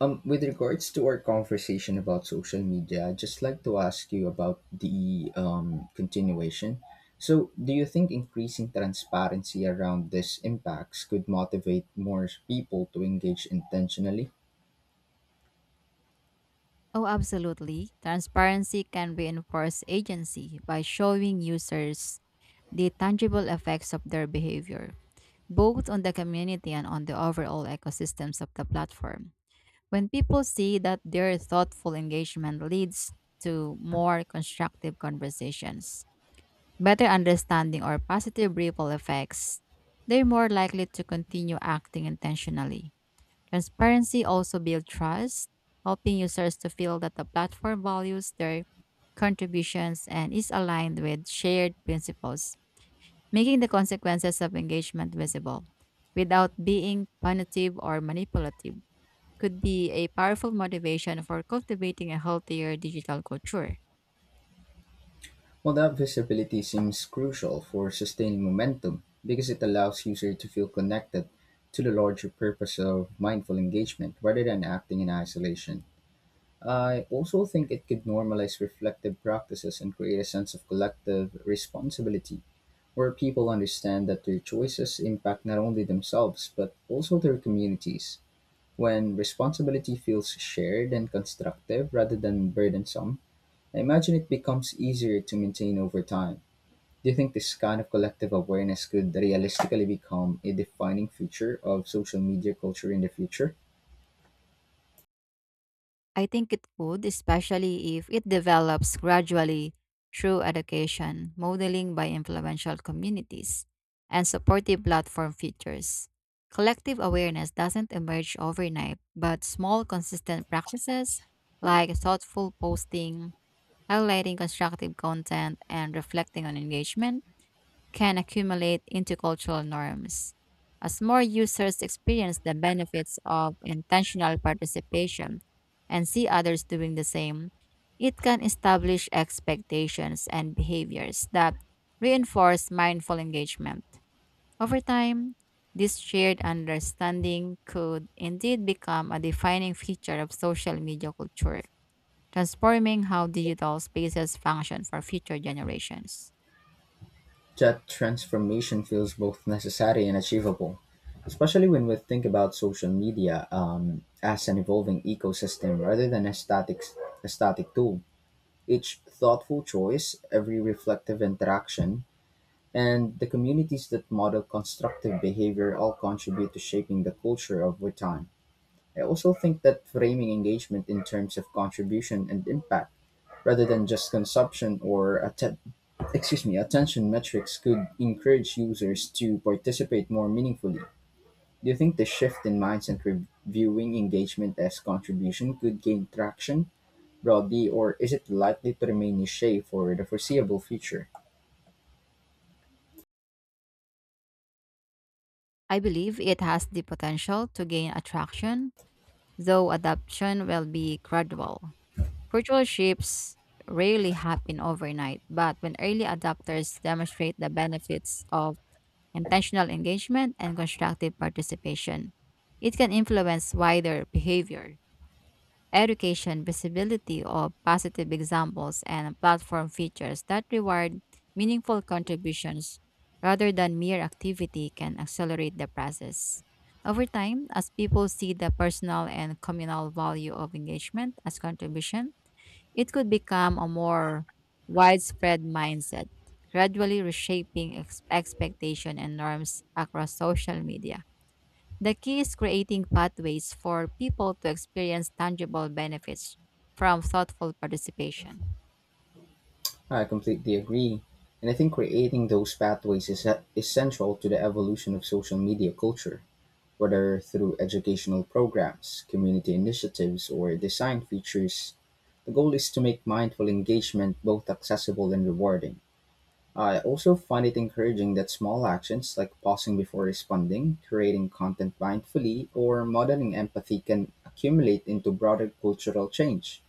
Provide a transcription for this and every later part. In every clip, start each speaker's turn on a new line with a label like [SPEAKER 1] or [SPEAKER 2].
[SPEAKER 1] With regards to our conversation about social media, I'd just like to ask you about the continuation. So, do you think increasing transparency around these impacts could motivate more people to engage intentionally?
[SPEAKER 2] Oh, absolutely. Transparency can reinforce agency by showing users the tangible effects of their behavior, both on the community and on the overall ecosystems of the platform. When people see that their thoughtful engagement leads to more constructive conversations, better understanding, or positive ripple effects, they're more likely to continue acting intentionally. Transparency also builds trust, helping users to feel that the platform values their contributions and is aligned with shared principles. Making the consequences of engagement visible without being punitive or manipulative could be a powerful motivation for cultivating a healthier digital culture.
[SPEAKER 1] Well, that visibility seems crucial for sustaining momentum because it allows users to feel connected to the larger purpose of mindful engagement rather than acting in isolation. I also think it could normalize reflective practices and create a sense of collective responsibility where people understand that their choices impact not only themselves but also their communities. When responsibility feels shared and constructive rather than burdensome, I imagine it becomes easier to maintain over time. Do you think this kind of collective awareness could realistically become a defining feature of social media culture in the future?
[SPEAKER 2] I think it could, especially if it develops gradually through education, modeling by influential communities, and supportive platform features. Collective awareness doesn't emerge overnight, but small, consistent practices like thoughtful posting, highlighting constructive content, and reflecting on engagement can accumulate into cultural norms. As more users experience the benefits of intentional participation and see others doing the same, it can establish expectations and behaviors that reinforce mindful engagement. Over time, this shared understanding could indeed become a defining feature of social media culture, transforming how digital spaces function for future generations.
[SPEAKER 1] That transformation feels both necessary and achievable, especially when we think about social media as an evolving ecosystem rather than a static tool. Each thoughtful choice, every reflective interaction, and the communities that model constructive behavior all contribute to shaping the culture over time. I also think that framing engagement in terms of contribution and impact rather than just consumption or excuse me, attention metrics could encourage users to participate more meaningfully. Do you think the shift in mindset reviewing engagement as contribution could gain traction broadly, or is it likely to remain niche for the foreseeable future?
[SPEAKER 2] I believe it has the potential to gain attraction, though adoption will be gradual. Cultural shifts rarely happen overnight, but when early adopters demonstrate the benefits of intentional engagement and constructive participation, it can influence wider behavior education, visibility of positive examples, and platform features that reward meaningful contributions rather than mere activity can accelerate the process. Over time, as people see the personal and communal value of engagement as contribution, it could become a more widespread mindset, gradually reshaping expectation and norms across social media. The key is creating pathways for people to experience tangible benefits from thoughtful participation.
[SPEAKER 1] I completely agree. And I think creating those pathways is central to the evolution of social media culture, whether through educational programs, community initiatives, or design features. The goal is to make mindful engagement both accessible and rewarding. I also find it encouraging that small actions like pausing before responding, creating content mindfully, or modeling empathy can accumulate into broader cultural change.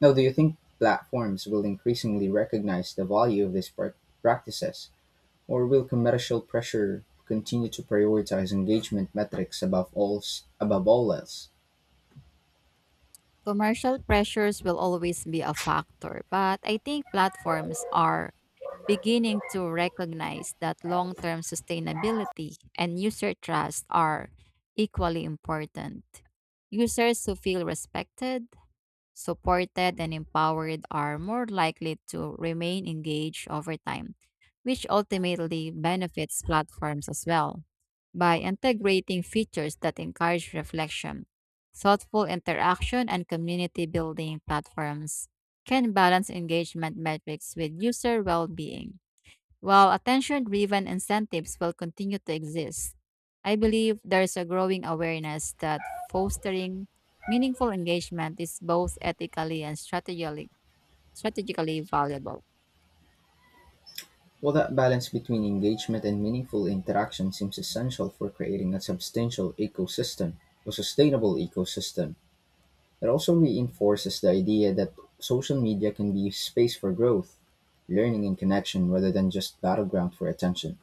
[SPEAKER 1] Now, do you think platforms will increasingly recognize the value of these practices? Or will commercial pressure continue to prioritize engagement metrics above all else?
[SPEAKER 2] Commercial pressures will always be a factor, but I think platforms are beginning to recognize that long term sustainability and user trust are equally important. Users who feel respected supported and empowered are more likely to remain engaged over time, which ultimately benefits platforms as well. By integrating features that encourage reflection, thoughtful interaction, and community building platforms can balance engagement metrics with user well being. While attention driven incentives will continue to exist, I believe there's a growing awareness that fostering meaningful engagement is both ethically and strategically valuable.
[SPEAKER 1] Well, that balance between engagement and meaningful interaction seems essential for creating a sustainable ecosystem. It also reinforces the idea that social media can be a space for growth, learning, and connection rather than just battleground for attention.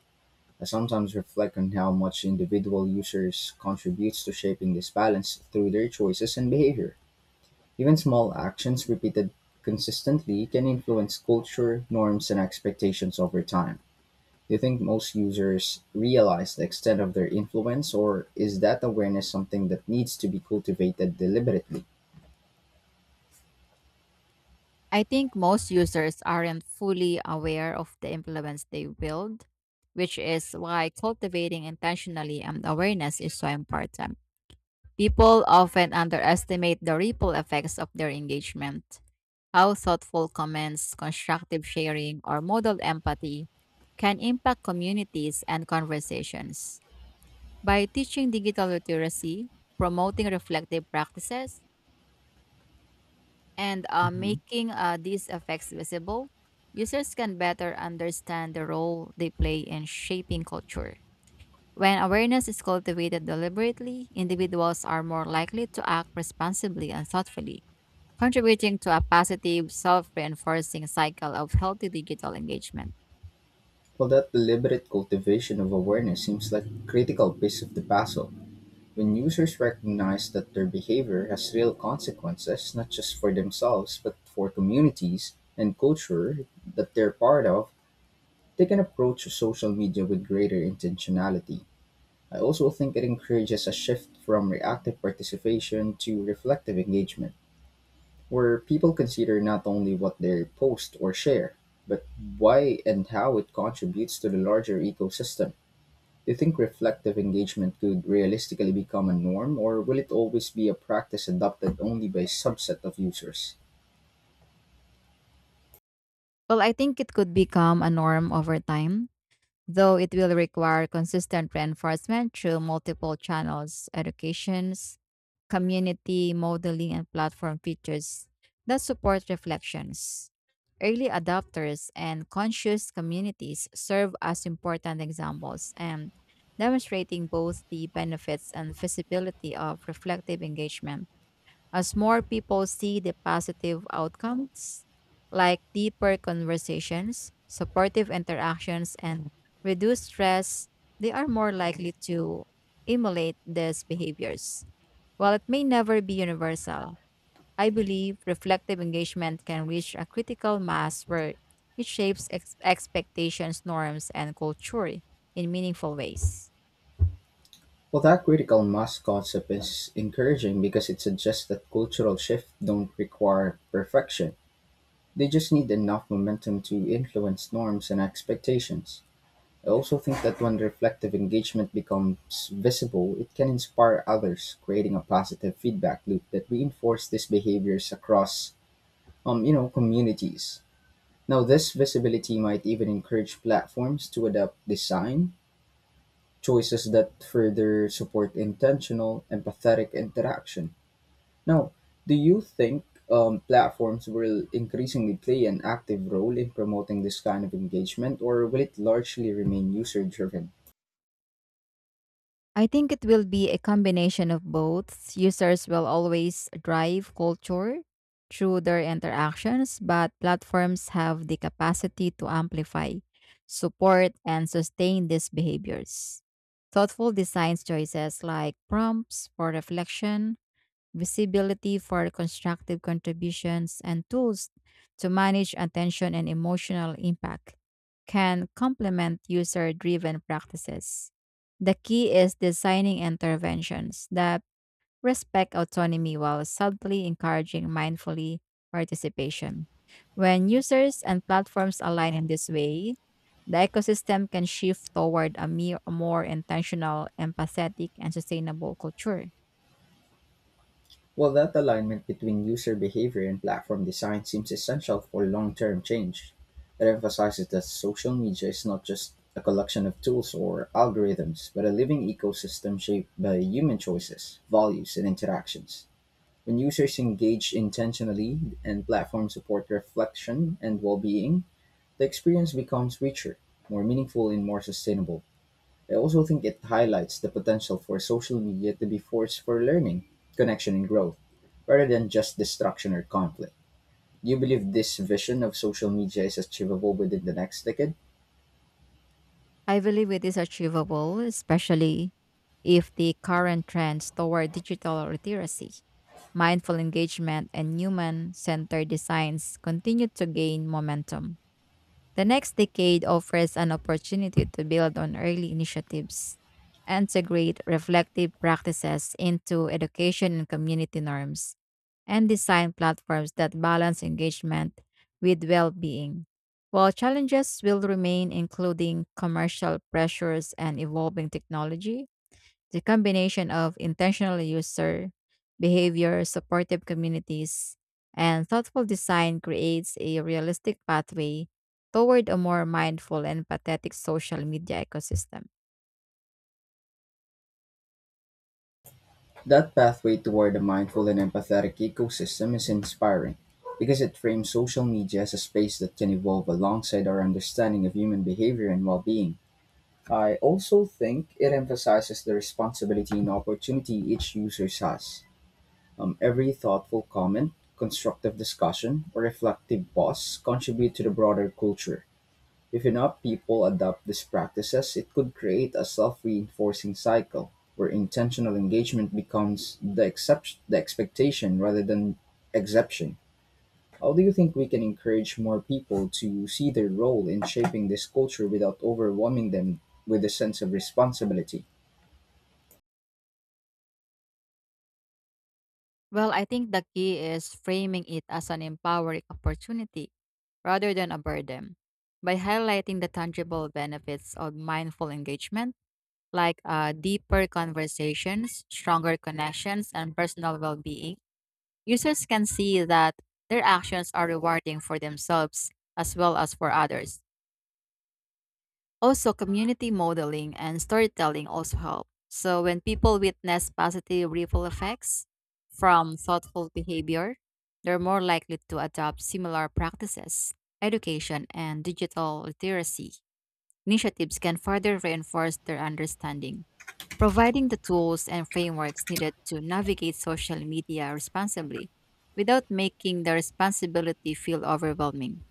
[SPEAKER 1] I sometimes reflect on how much individual users contributes to shaping this balance through their choices and behavior. Even small actions repeated consistently can influence culture, norms, and expectations over time. Do you think most users realize the extent of their influence, or is that awareness something that needs to be cultivated deliberately?
[SPEAKER 2] I think most users aren't fully aware of the influence they wield, which is why cultivating intentionally and awareness is so important. People often underestimate the ripple effects of their engagement. How thoughtful comments, constructive sharing, or modal empathy can impact communities and conversations. By teaching digital literacy, promoting reflective practices, and
[SPEAKER 1] hmm
[SPEAKER 2] making these effects visible, users can better understand the role they play in shaping culture. When awareness is cultivated deliberately, individuals are more likely to act responsibly and thoughtfully, contributing to a positive, self reinforcing cycle of healthy digital engagement.
[SPEAKER 1] Well, that deliberate cultivation of awareness seems like a critical piece of the puzzle. When users recognize that their behavior has real consequences, not just for themselves, but for communities and culture that they're part of, they can approach social media with greater intentionality. I also think it encourages a shift from reactive participation to reflective engagement, where people consider not only what they post or share, but why and how it contributes to the larger ecosystem. Do you think reflective engagement could realistically become a norm, or will it always be a practice adopted only by a subset of users?
[SPEAKER 2] Well, I think it could become a norm over time, though it will require consistent reinforcement through multiple channels, educations, community modeling, and platform features that support reflections. Early adopters and conscious communities serve as important examples and demonstrating both the benefits and feasibility of reflective engagement as more people see the positive outcomes, like deeper conversations, supportive interactions, and reduced stress, they are more likely to emulate these behaviors. While it may never be universal, I believe reflective engagement can reach a critical mass where it shapes expectations, norms, and culture in meaningful ways.
[SPEAKER 1] Well, that critical mass concept is encouraging because it suggests that cultural shifts don't require perfection. They just need enough momentum to influence norms and expectations. I also think that when reflective engagement becomes visible, it can inspire others, creating a positive feedback loop that reinforces these behaviors across, communities. Now, this visibility might even encourage platforms to adopt design choices that further support intentional, empathetic interaction. Now, do you think platforms will increasingly play an active role in promoting this kind of engagement, or will it largely remain user driven?
[SPEAKER 2] I think it will be a combination of both. Users will always drive culture through their interactions, but platforms have the capacity to amplify, support, and sustain these behaviors. Thoughtful design choices like prompts for reflection visibility for constructive contributions, and tools to manage attention and emotional impact can complement user driven practices. The key is designing interventions that respect autonomy while subtly encouraging mindfully participation. When users and platforms align in this way, the ecosystem can shift toward a more intentional, empathetic, and sustainable culture.
[SPEAKER 1] Well, that alignment between user behavior and platform design seems essential for long term change. It emphasizes that social media is not just a collection of tools or algorithms, but a living ecosystem shaped by human choices, values, and interactions. When users engage intentionally and platforms support reflection and well-being, the experience becomes richer, more meaningful, and more sustainable. I also think it highlights the potential for social media to be force for learning, connection, and growth, rather than just destruction or conflict. Do you believe this vision of social media is achievable within the next decade?
[SPEAKER 2] I believe it is achievable, especially if the current trends toward digital literacy, mindful engagement, and human centered designs continue to gain momentum. The next decade offers an opportunity to build on early initiatives, integrate reflective practices into education and community norms, and design platforms that balance engagement with well being. While challenges will remain, including commercial pressures and evolving technology, the combination of intentional user behavior, supportive communities, and thoughtful design creates a realistic pathway toward a more mindful and empathetic social media ecosystem.
[SPEAKER 1] That pathway toward a mindful and empathetic ecosystem is inspiring because it frames social media as a space that can evolve alongside our understanding of human behavior and well being. I also think it emphasizes the responsibility and opportunity each user has. Every thoughtful comment, constructive discussion, or reflective pause contribute to the broader culture. If enough people adopt these practices, it could create a self reinforcing cycle where intentional engagement becomes the expectation rather than exception. How do you think we can encourage more people to see their role in shaping this culture without overwhelming them with a sense of responsibility?
[SPEAKER 2] Well, I think the key is framing it as an empowering opportunity rather than a burden. By highlighting the tangible benefits of mindful engagement, like deeper conversations, stronger connections, and personal well being, users can see that their actions are rewarding for themselves as well as for others. Also, community modeling and storytelling also help. So, when people witness positive ripple effects from thoughtful behavior, they're more likely to adopt similar practices. Education and digital literacy initiatives can further reinforce their understanding providing the tools and frameworks needed to navigate social media responsibly without making the responsibility feel overwhelming.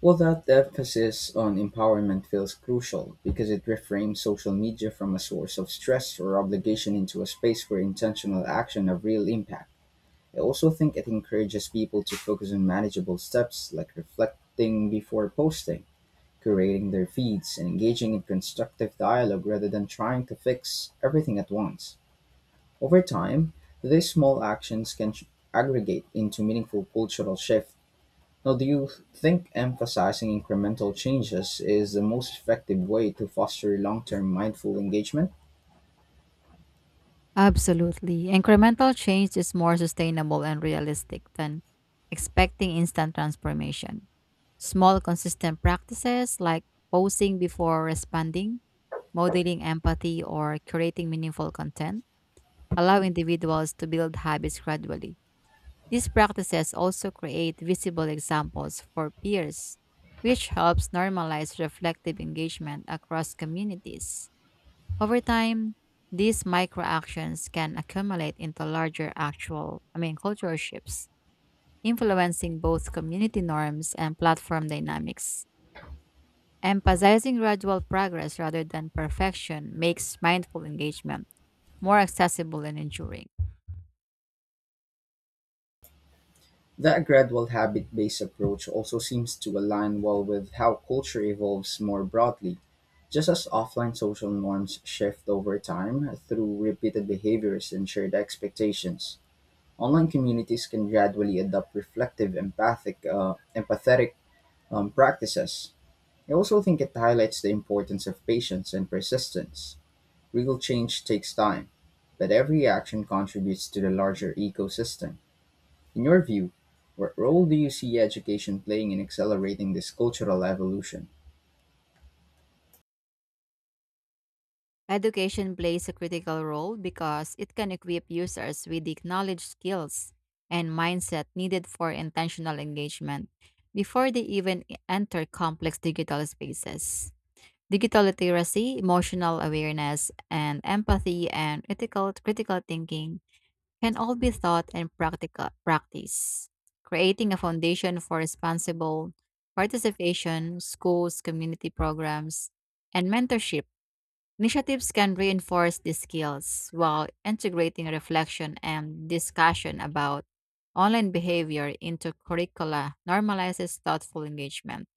[SPEAKER 1] Well, that emphasis on empowerment feels crucial because it reframes social media from a source of stress or obligation into a space where intentional action have real impact. I also think it encourages people to focus on manageable steps like reflecting before posting, curating their feeds, and engaging in constructive dialogue rather than trying to fix everything at once. Over time, these small actions aggregate into meaningful cultural shift. Now, do you think emphasizing incremental changes is the most effective way to foster long term mindful engagement?
[SPEAKER 2] Absolutely. Incremental change is more sustainable and realistic than expecting instant transformation. Small, consistent practices like posting before responding, modeling empathy, or creating meaningful content allow individuals to build habits gradually. These practices also create visible examples for peers, which helps normalize reflective engagement across communities. Over time, these microactions can accumulate into larger cultural shifts, influencing both community norms and platform dynamics. Emphasizing gradual progress rather than perfection makes mindful engagement more accessible and enduring.
[SPEAKER 1] That gradual habit based approach also seems to align well with how culture evolves more broadly. Just as offline social norms shift over time through repeated behaviors and shared expectations, online communities can gradually adopt reflective, empathetic practices. I also think it highlights the importance of patience and persistence. Real change takes time, but every action contributes to the larger ecosystem. In your view, what role do you see education playing in accelerating this cultural evolution?
[SPEAKER 2] Education plays a critical role because it can equip users with the knowledge, skills, and mindset needed for intentional engagement before they even enter complex digital spaces. Digital literacy, emotional awareness, and empathy and ethical critical thinking can all be taught and practical practice, creating a foundation for responsible participation, schools, community programs, and mentorship initiatives can reinforce these skills while integrating reflection and discussion about online behavior into curricula normalizes thoughtful engagement.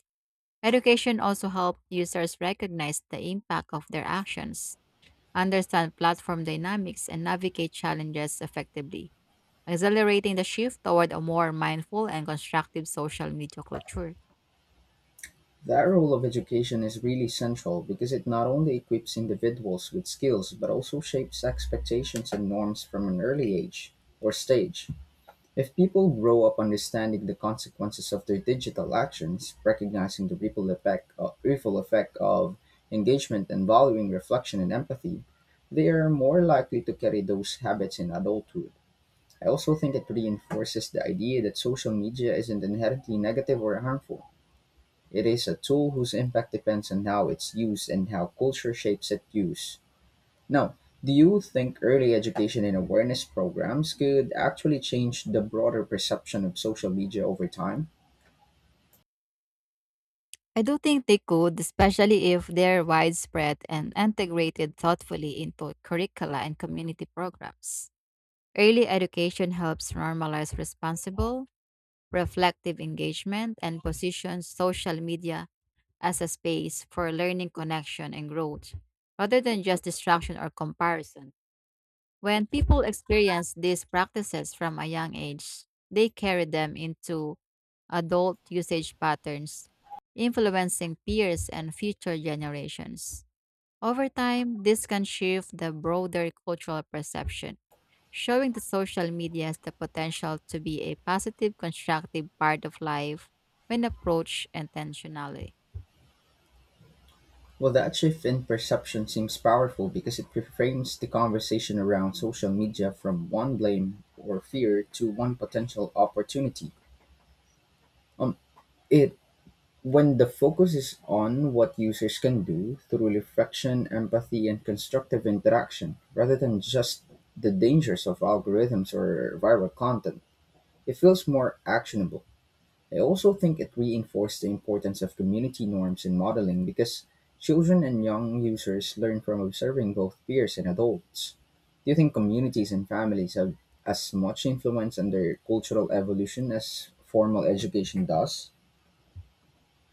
[SPEAKER 2] Education also helps users recognize the impact of their actions, understand platform dynamics, and navigate challenges effectively, accelerating the shift toward a more mindful and constructive social media culture.
[SPEAKER 1] That role of education is really central because it not only equips individuals with skills but also shapes expectations and norms from an early age or stage. If people grow up understanding the consequences of their digital actions, recognizing the ripple effect of engagement and valuing reflection and empathy, they are more likely to carry those habits in adulthood. I also think it reinforces the idea that social media isn't inherently negative or harmful. It is a tool whose impact depends on how it's used and how culture shapes its use. Now, do you think early education and awareness programs could actually change the broader perception of social media over time?
[SPEAKER 2] I do think they could, especially if they're widespread and integrated thoughtfully into curricula and community programs. Early education helps normalize responsible, reflective engagement and positions social media as a space for learning, connection, and growth, rather than just distraction or comparison. When people experience these practices from a young age, they carry them into adult usage patterns, influencing peers and future generations. Over time, this can shift the broader cultural perception, showing the social media as the potential to be a positive, constructive part of life when approached intentionally.
[SPEAKER 1] Well, that shift in perception seems powerful because it reframes the conversation around social media from one blame or fear to one potential opportunity. Um, it When the focus is on what users can do through reflection, empathy, and constructive interaction, rather than just the dangers of algorithms or viral content, it feels more actionable. I also think it reinforced the importance of community norms in modeling because children and young users learn from observing both peers and adults. Do you think communities and families have as much influence on their cultural evolution as formal education does?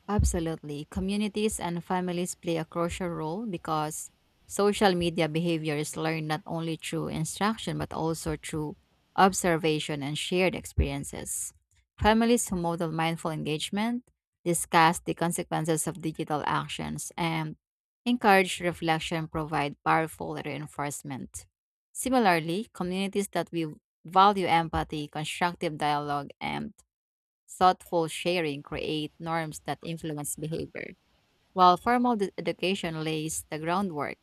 [SPEAKER 2] Absolutely. Communities and families play a crucial role because social media behavior is learned not only through instruction but also through observation and shared experiences. Families who model mindful engagement discuss the consequences of digital actions and encourage reflection provide powerful reinforcement. Similarly, communities that we value empathy, constructive dialogue, and thoughtful sharing create norms that influence behavior, while formal education lays the groundwork.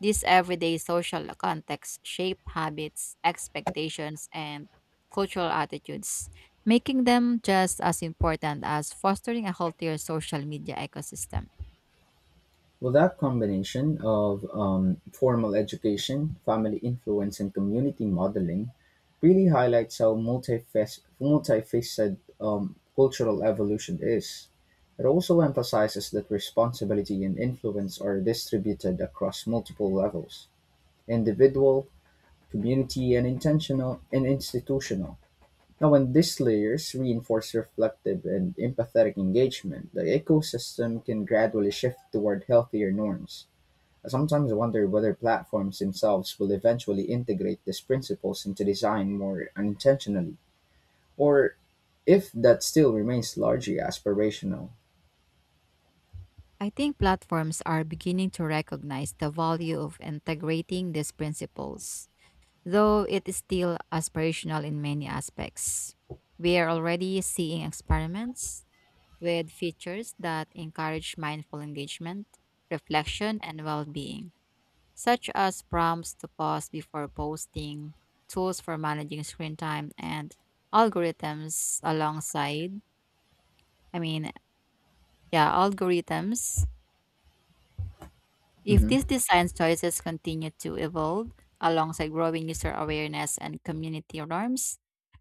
[SPEAKER 2] These everyday social contexts shape habits, expectations, and cultural attitudes, making them just as important as fostering a healthier social media ecosystem.
[SPEAKER 1] Well, that combination of formal education, family influence, and community modeling really highlights how multifaceted cultural evolution is. It also emphasizes that responsibility and influence are distributed across multiple levels individual, community, and intentional and institutional. Now, when these layers reinforce reflective and empathetic engagement, the ecosystem can gradually shift toward healthier norms. I sometimes wonder whether platforms themselves will eventually integrate these principles into design more unintentionally, or if that still remains largely aspirational.
[SPEAKER 2] I think platforms are beginning to recognize the value of integrating these principles, though it is still aspirational in many aspects. We are already seeing experiments with features that encourage mindful engagement, reflection, and well being, such as prompts to pause before posting, tools for managing screen time, and algorithms alongside, I mean, yeah, algorithms. If
[SPEAKER 1] hmm
[SPEAKER 2] these design choices continue to evolve alongside growing user awareness and community norms,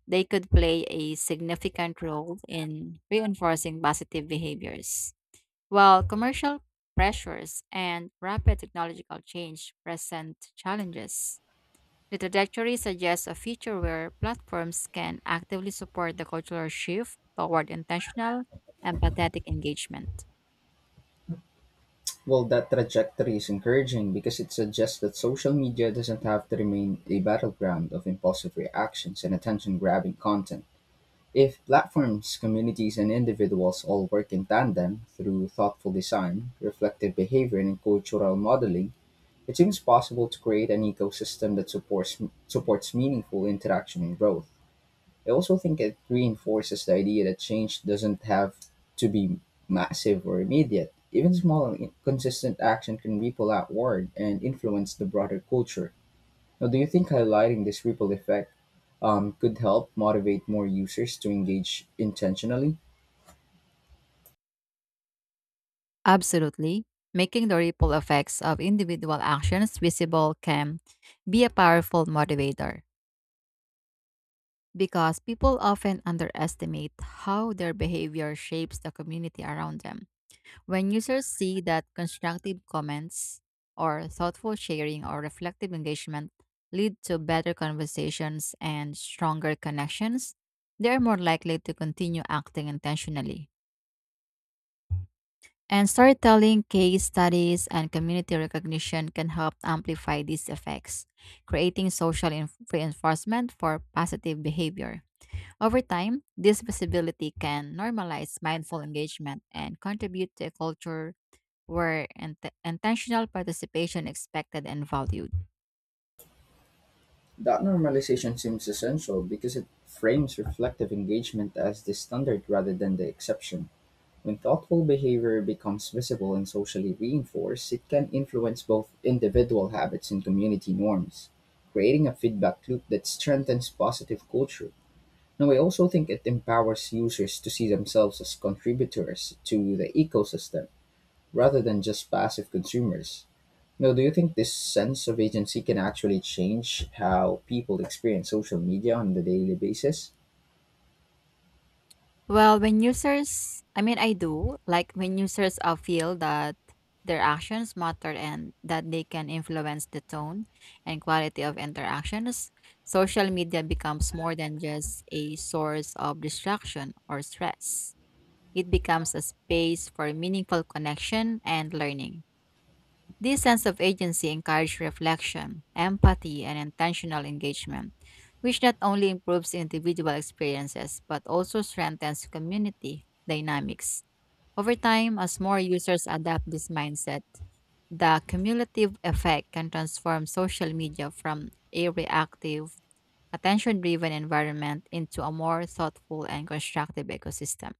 [SPEAKER 2] they could play a significant role in reinforcing positive behaviors. While commercial pressures and rapid technological change present challenges, the trajectory suggests a future where platforms can actively support the cultural shift toward intentional, empathetic engagement.
[SPEAKER 1] Well, that trajectory is encouraging because it suggests that social media doesn't have to remain a battleground of impulsive reactions and attention grabbing content. If platforms, communities, and individuals all work in tandem through thoughtful design, reflective behavior, and cultural modeling, it seems possible to create an ecosystem that supports meaningful interaction and growth. I also think it reinforces the idea that change doesn't have to be massive or immediate. Even small and consistent action can ripple outward and influence the broader culture. Now, do you think highlighting this ripple effect could help motivate more users to engage intentionally?
[SPEAKER 2] Absolutely. Making the ripple effects of individual actions visible can be a powerful motivator because people often underestimate how their behavior shapes the community around them. When users see that constructive comments or thoughtful sharing or reflective engagement lead to better conversations and stronger connections, they are more likely to continue acting intentionally. And storytelling, case studies, and community recognition can help amplify these effects, creating social reinforcement for positive behavior. Over time, this visibility can normalize mindful engagement and contribute to a culture where intentional participation is expected and valued.
[SPEAKER 1] That normalization seems essential because it frames reflective engagement as the standard rather than the exception. When thoughtful behavior becomes visible and socially reinforced, it can influence both individual habits and community norms, creating a feedback loop that strengthens positive culture. Now, I also think it empowers users to see themselves as contributors to the ecosystem rather than just passive consumers. Now, do you think this sense of agency can actually change how people experience social media on a daily basis?
[SPEAKER 2] Well, when users, I mean, I do like when users feel that their actions matter and that they can influence the tone and quality of interactions, social media becomes more than just a source of distraction or stress. It becomes a space for meaningful connection and learning. This sense of agency encourages reflection, empathy, and intentional engagement, which not only improves individual experiences but also strengthens community dynamics. Over time, as more users adopt this mindset, the cumulative effect can transform social media from a reactive, attention driven environment into a more thoughtful and constructive ecosystem.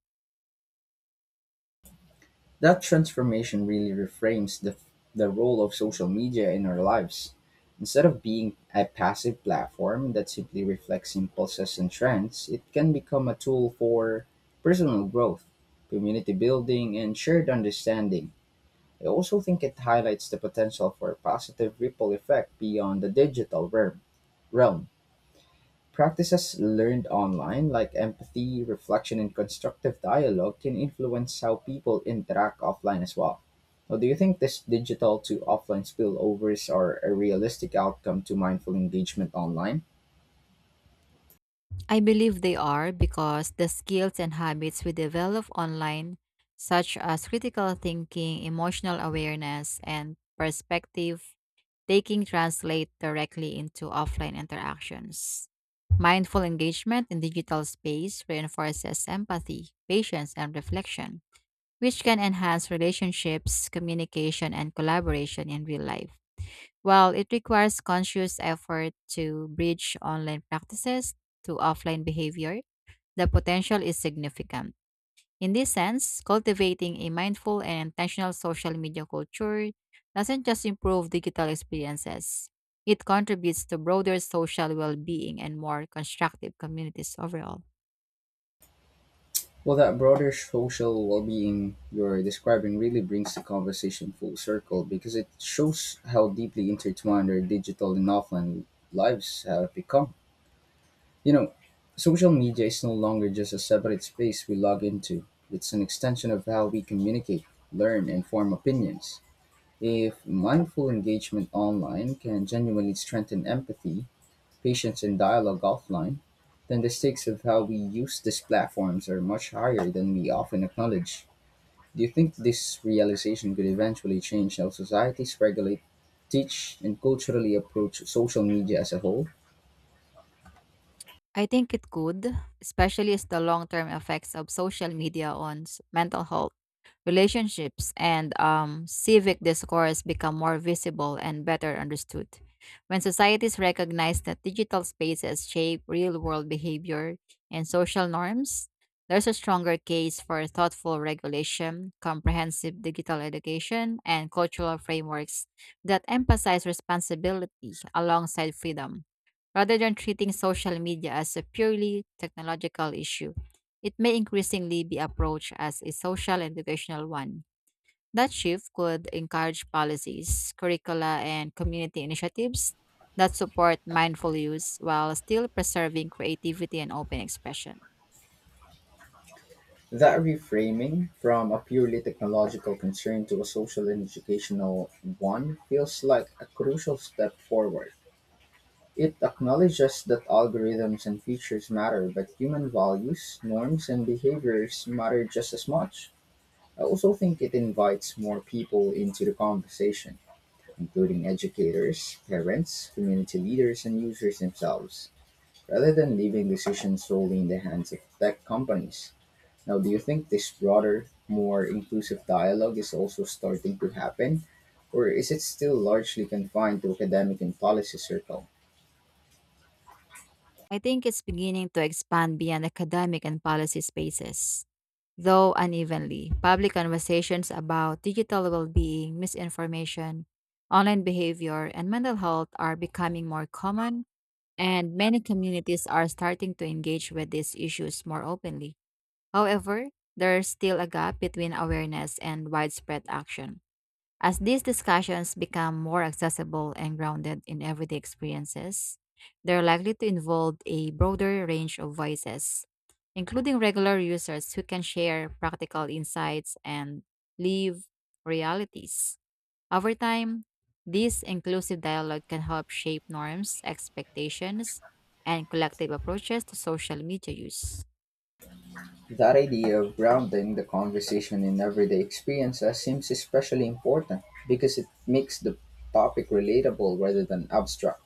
[SPEAKER 1] That transformation really the role of social media in our lives. Instead of being a passive platform that simply reflects impulses and trends, it can become a tool for personal growth, community building, and shared understanding. I also think it highlights the potential for a positive ripple effect beyond the digital realm. Realm. Practices learned online, like empathy, reflection, and constructive dialogue, can influence how people interact offline as well. So, do you think this digital to offline spillovers are a realistic outcome to mindful engagement online?
[SPEAKER 2] I believe they are because the skills and habits we develop online, such as critical thinking, emotional awareness, and perspective taking, translate directly into offline interactions. Mindful engagement in digital space reinforces empathy, patience, and reflection, which can enhance relationships, communication, and collaboration in real life. Well, it requires conscious effort to bridge online practices to offline behavior. The potential is significant. In this sense, cultivating a mindful and intentional social media culture doesn't just improve digital experiences, it contributes to broader social well being and more constructive communities overall.
[SPEAKER 1] Well, that broader social well being you're describing really brings the conversation full circle because it shows how deeply intertwined our digital and offline lives have become. You know, social media is no longer just a separate space we log into. It's an extension of how we communicate, learn, and form opinions. If mindful engagement online can genuinely strengthen empathy, patience, and dialogue offline, then the stakes of how we use these platforms are much higher than we often acknowledge. Do you think this realization could eventually change how societies regulate, teach, and culturally approach social media as a whole?
[SPEAKER 2] I think it could, especially as the long term effects of social media on mental health, relationships, and civic discourse become more visible and better understood. When societies recognize that digital spaces shape real world behavior and social norms, there's a stronger case for thoughtful regulation, comprehensive digital education, and cultural frameworks that emphasize responsibility alongside freedom, rather than treating social media as a purely technological issue. It may increasingly be approached as a social and educational one. That shift could encourage policies, curricula, and community initiatives that support mindful use while still preserving creativity and open expression.
[SPEAKER 1] That reframing from a purely technological concern to a social and educational one feels like a crucial step forward. It acknowledges that algorithms and features matter, but human values, norms, and behaviors matter just as much. I also think it invites more people into the conversation, including educators, parents, community leaders, and users themselves, rather than leaving decisions solely in the hands of tech companies. Now, do you think this broader, more inclusive dialogue is also starting to happen, or is it still largely confined to academic and policy circle?
[SPEAKER 2] I think it's beginning to expand beyond academic and policy spaces. Though unevenly, public conversations about digital well being, misinformation, online behavior, and mental health are becoming more common and many communities are starting to engage with these issues more openly. However, there's still a gap between awareness and widespread action. As these discussions become more accessible and grounded in everyday experiences, they're likely to involve a broader range of voices, including regular users who can share practical insights and live realities. Over time, this inclusive dialogue can help shape norms, expectations, and collective approaches to social media use.
[SPEAKER 1] That idea of grounding the conversation in everyday experiences seems especially important because it makes the topic relatable rather than abstract.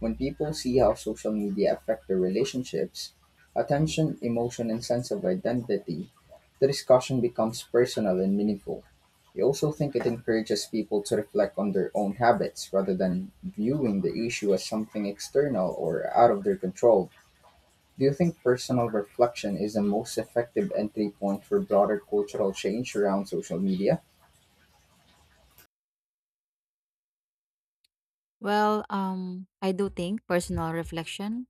[SPEAKER 1] When people see how social media affect their relationships, attention, emotion, and sense of identity, the discussion becomes personal and meaningful. I also think it encourages people to reflect on their own habits rather than viewing the issue as something external or out of their control. Do you think personal reflection is the most effective entry point for broader cultural change around social media?
[SPEAKER 2] Well, I do think personal reflection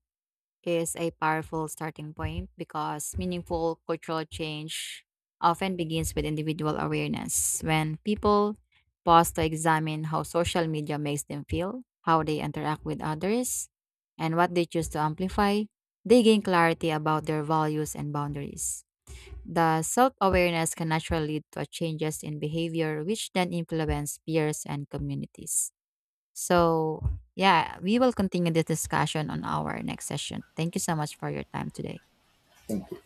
[SPEAKER 2] is a powerful starting point because meaningful cultural change often begins with individual awareness. When people pause to examine how social media makes them feel, how they interact with others, and what they choose to amplify, they gain clarity about their values and boundaries. The self awareness can naturally lead to changes in behavior, which then influence peers and communities. So, yeah, we will continue this discussion on our next session. Thank you so much for your time today.
[SPEAKER 1] Thank you.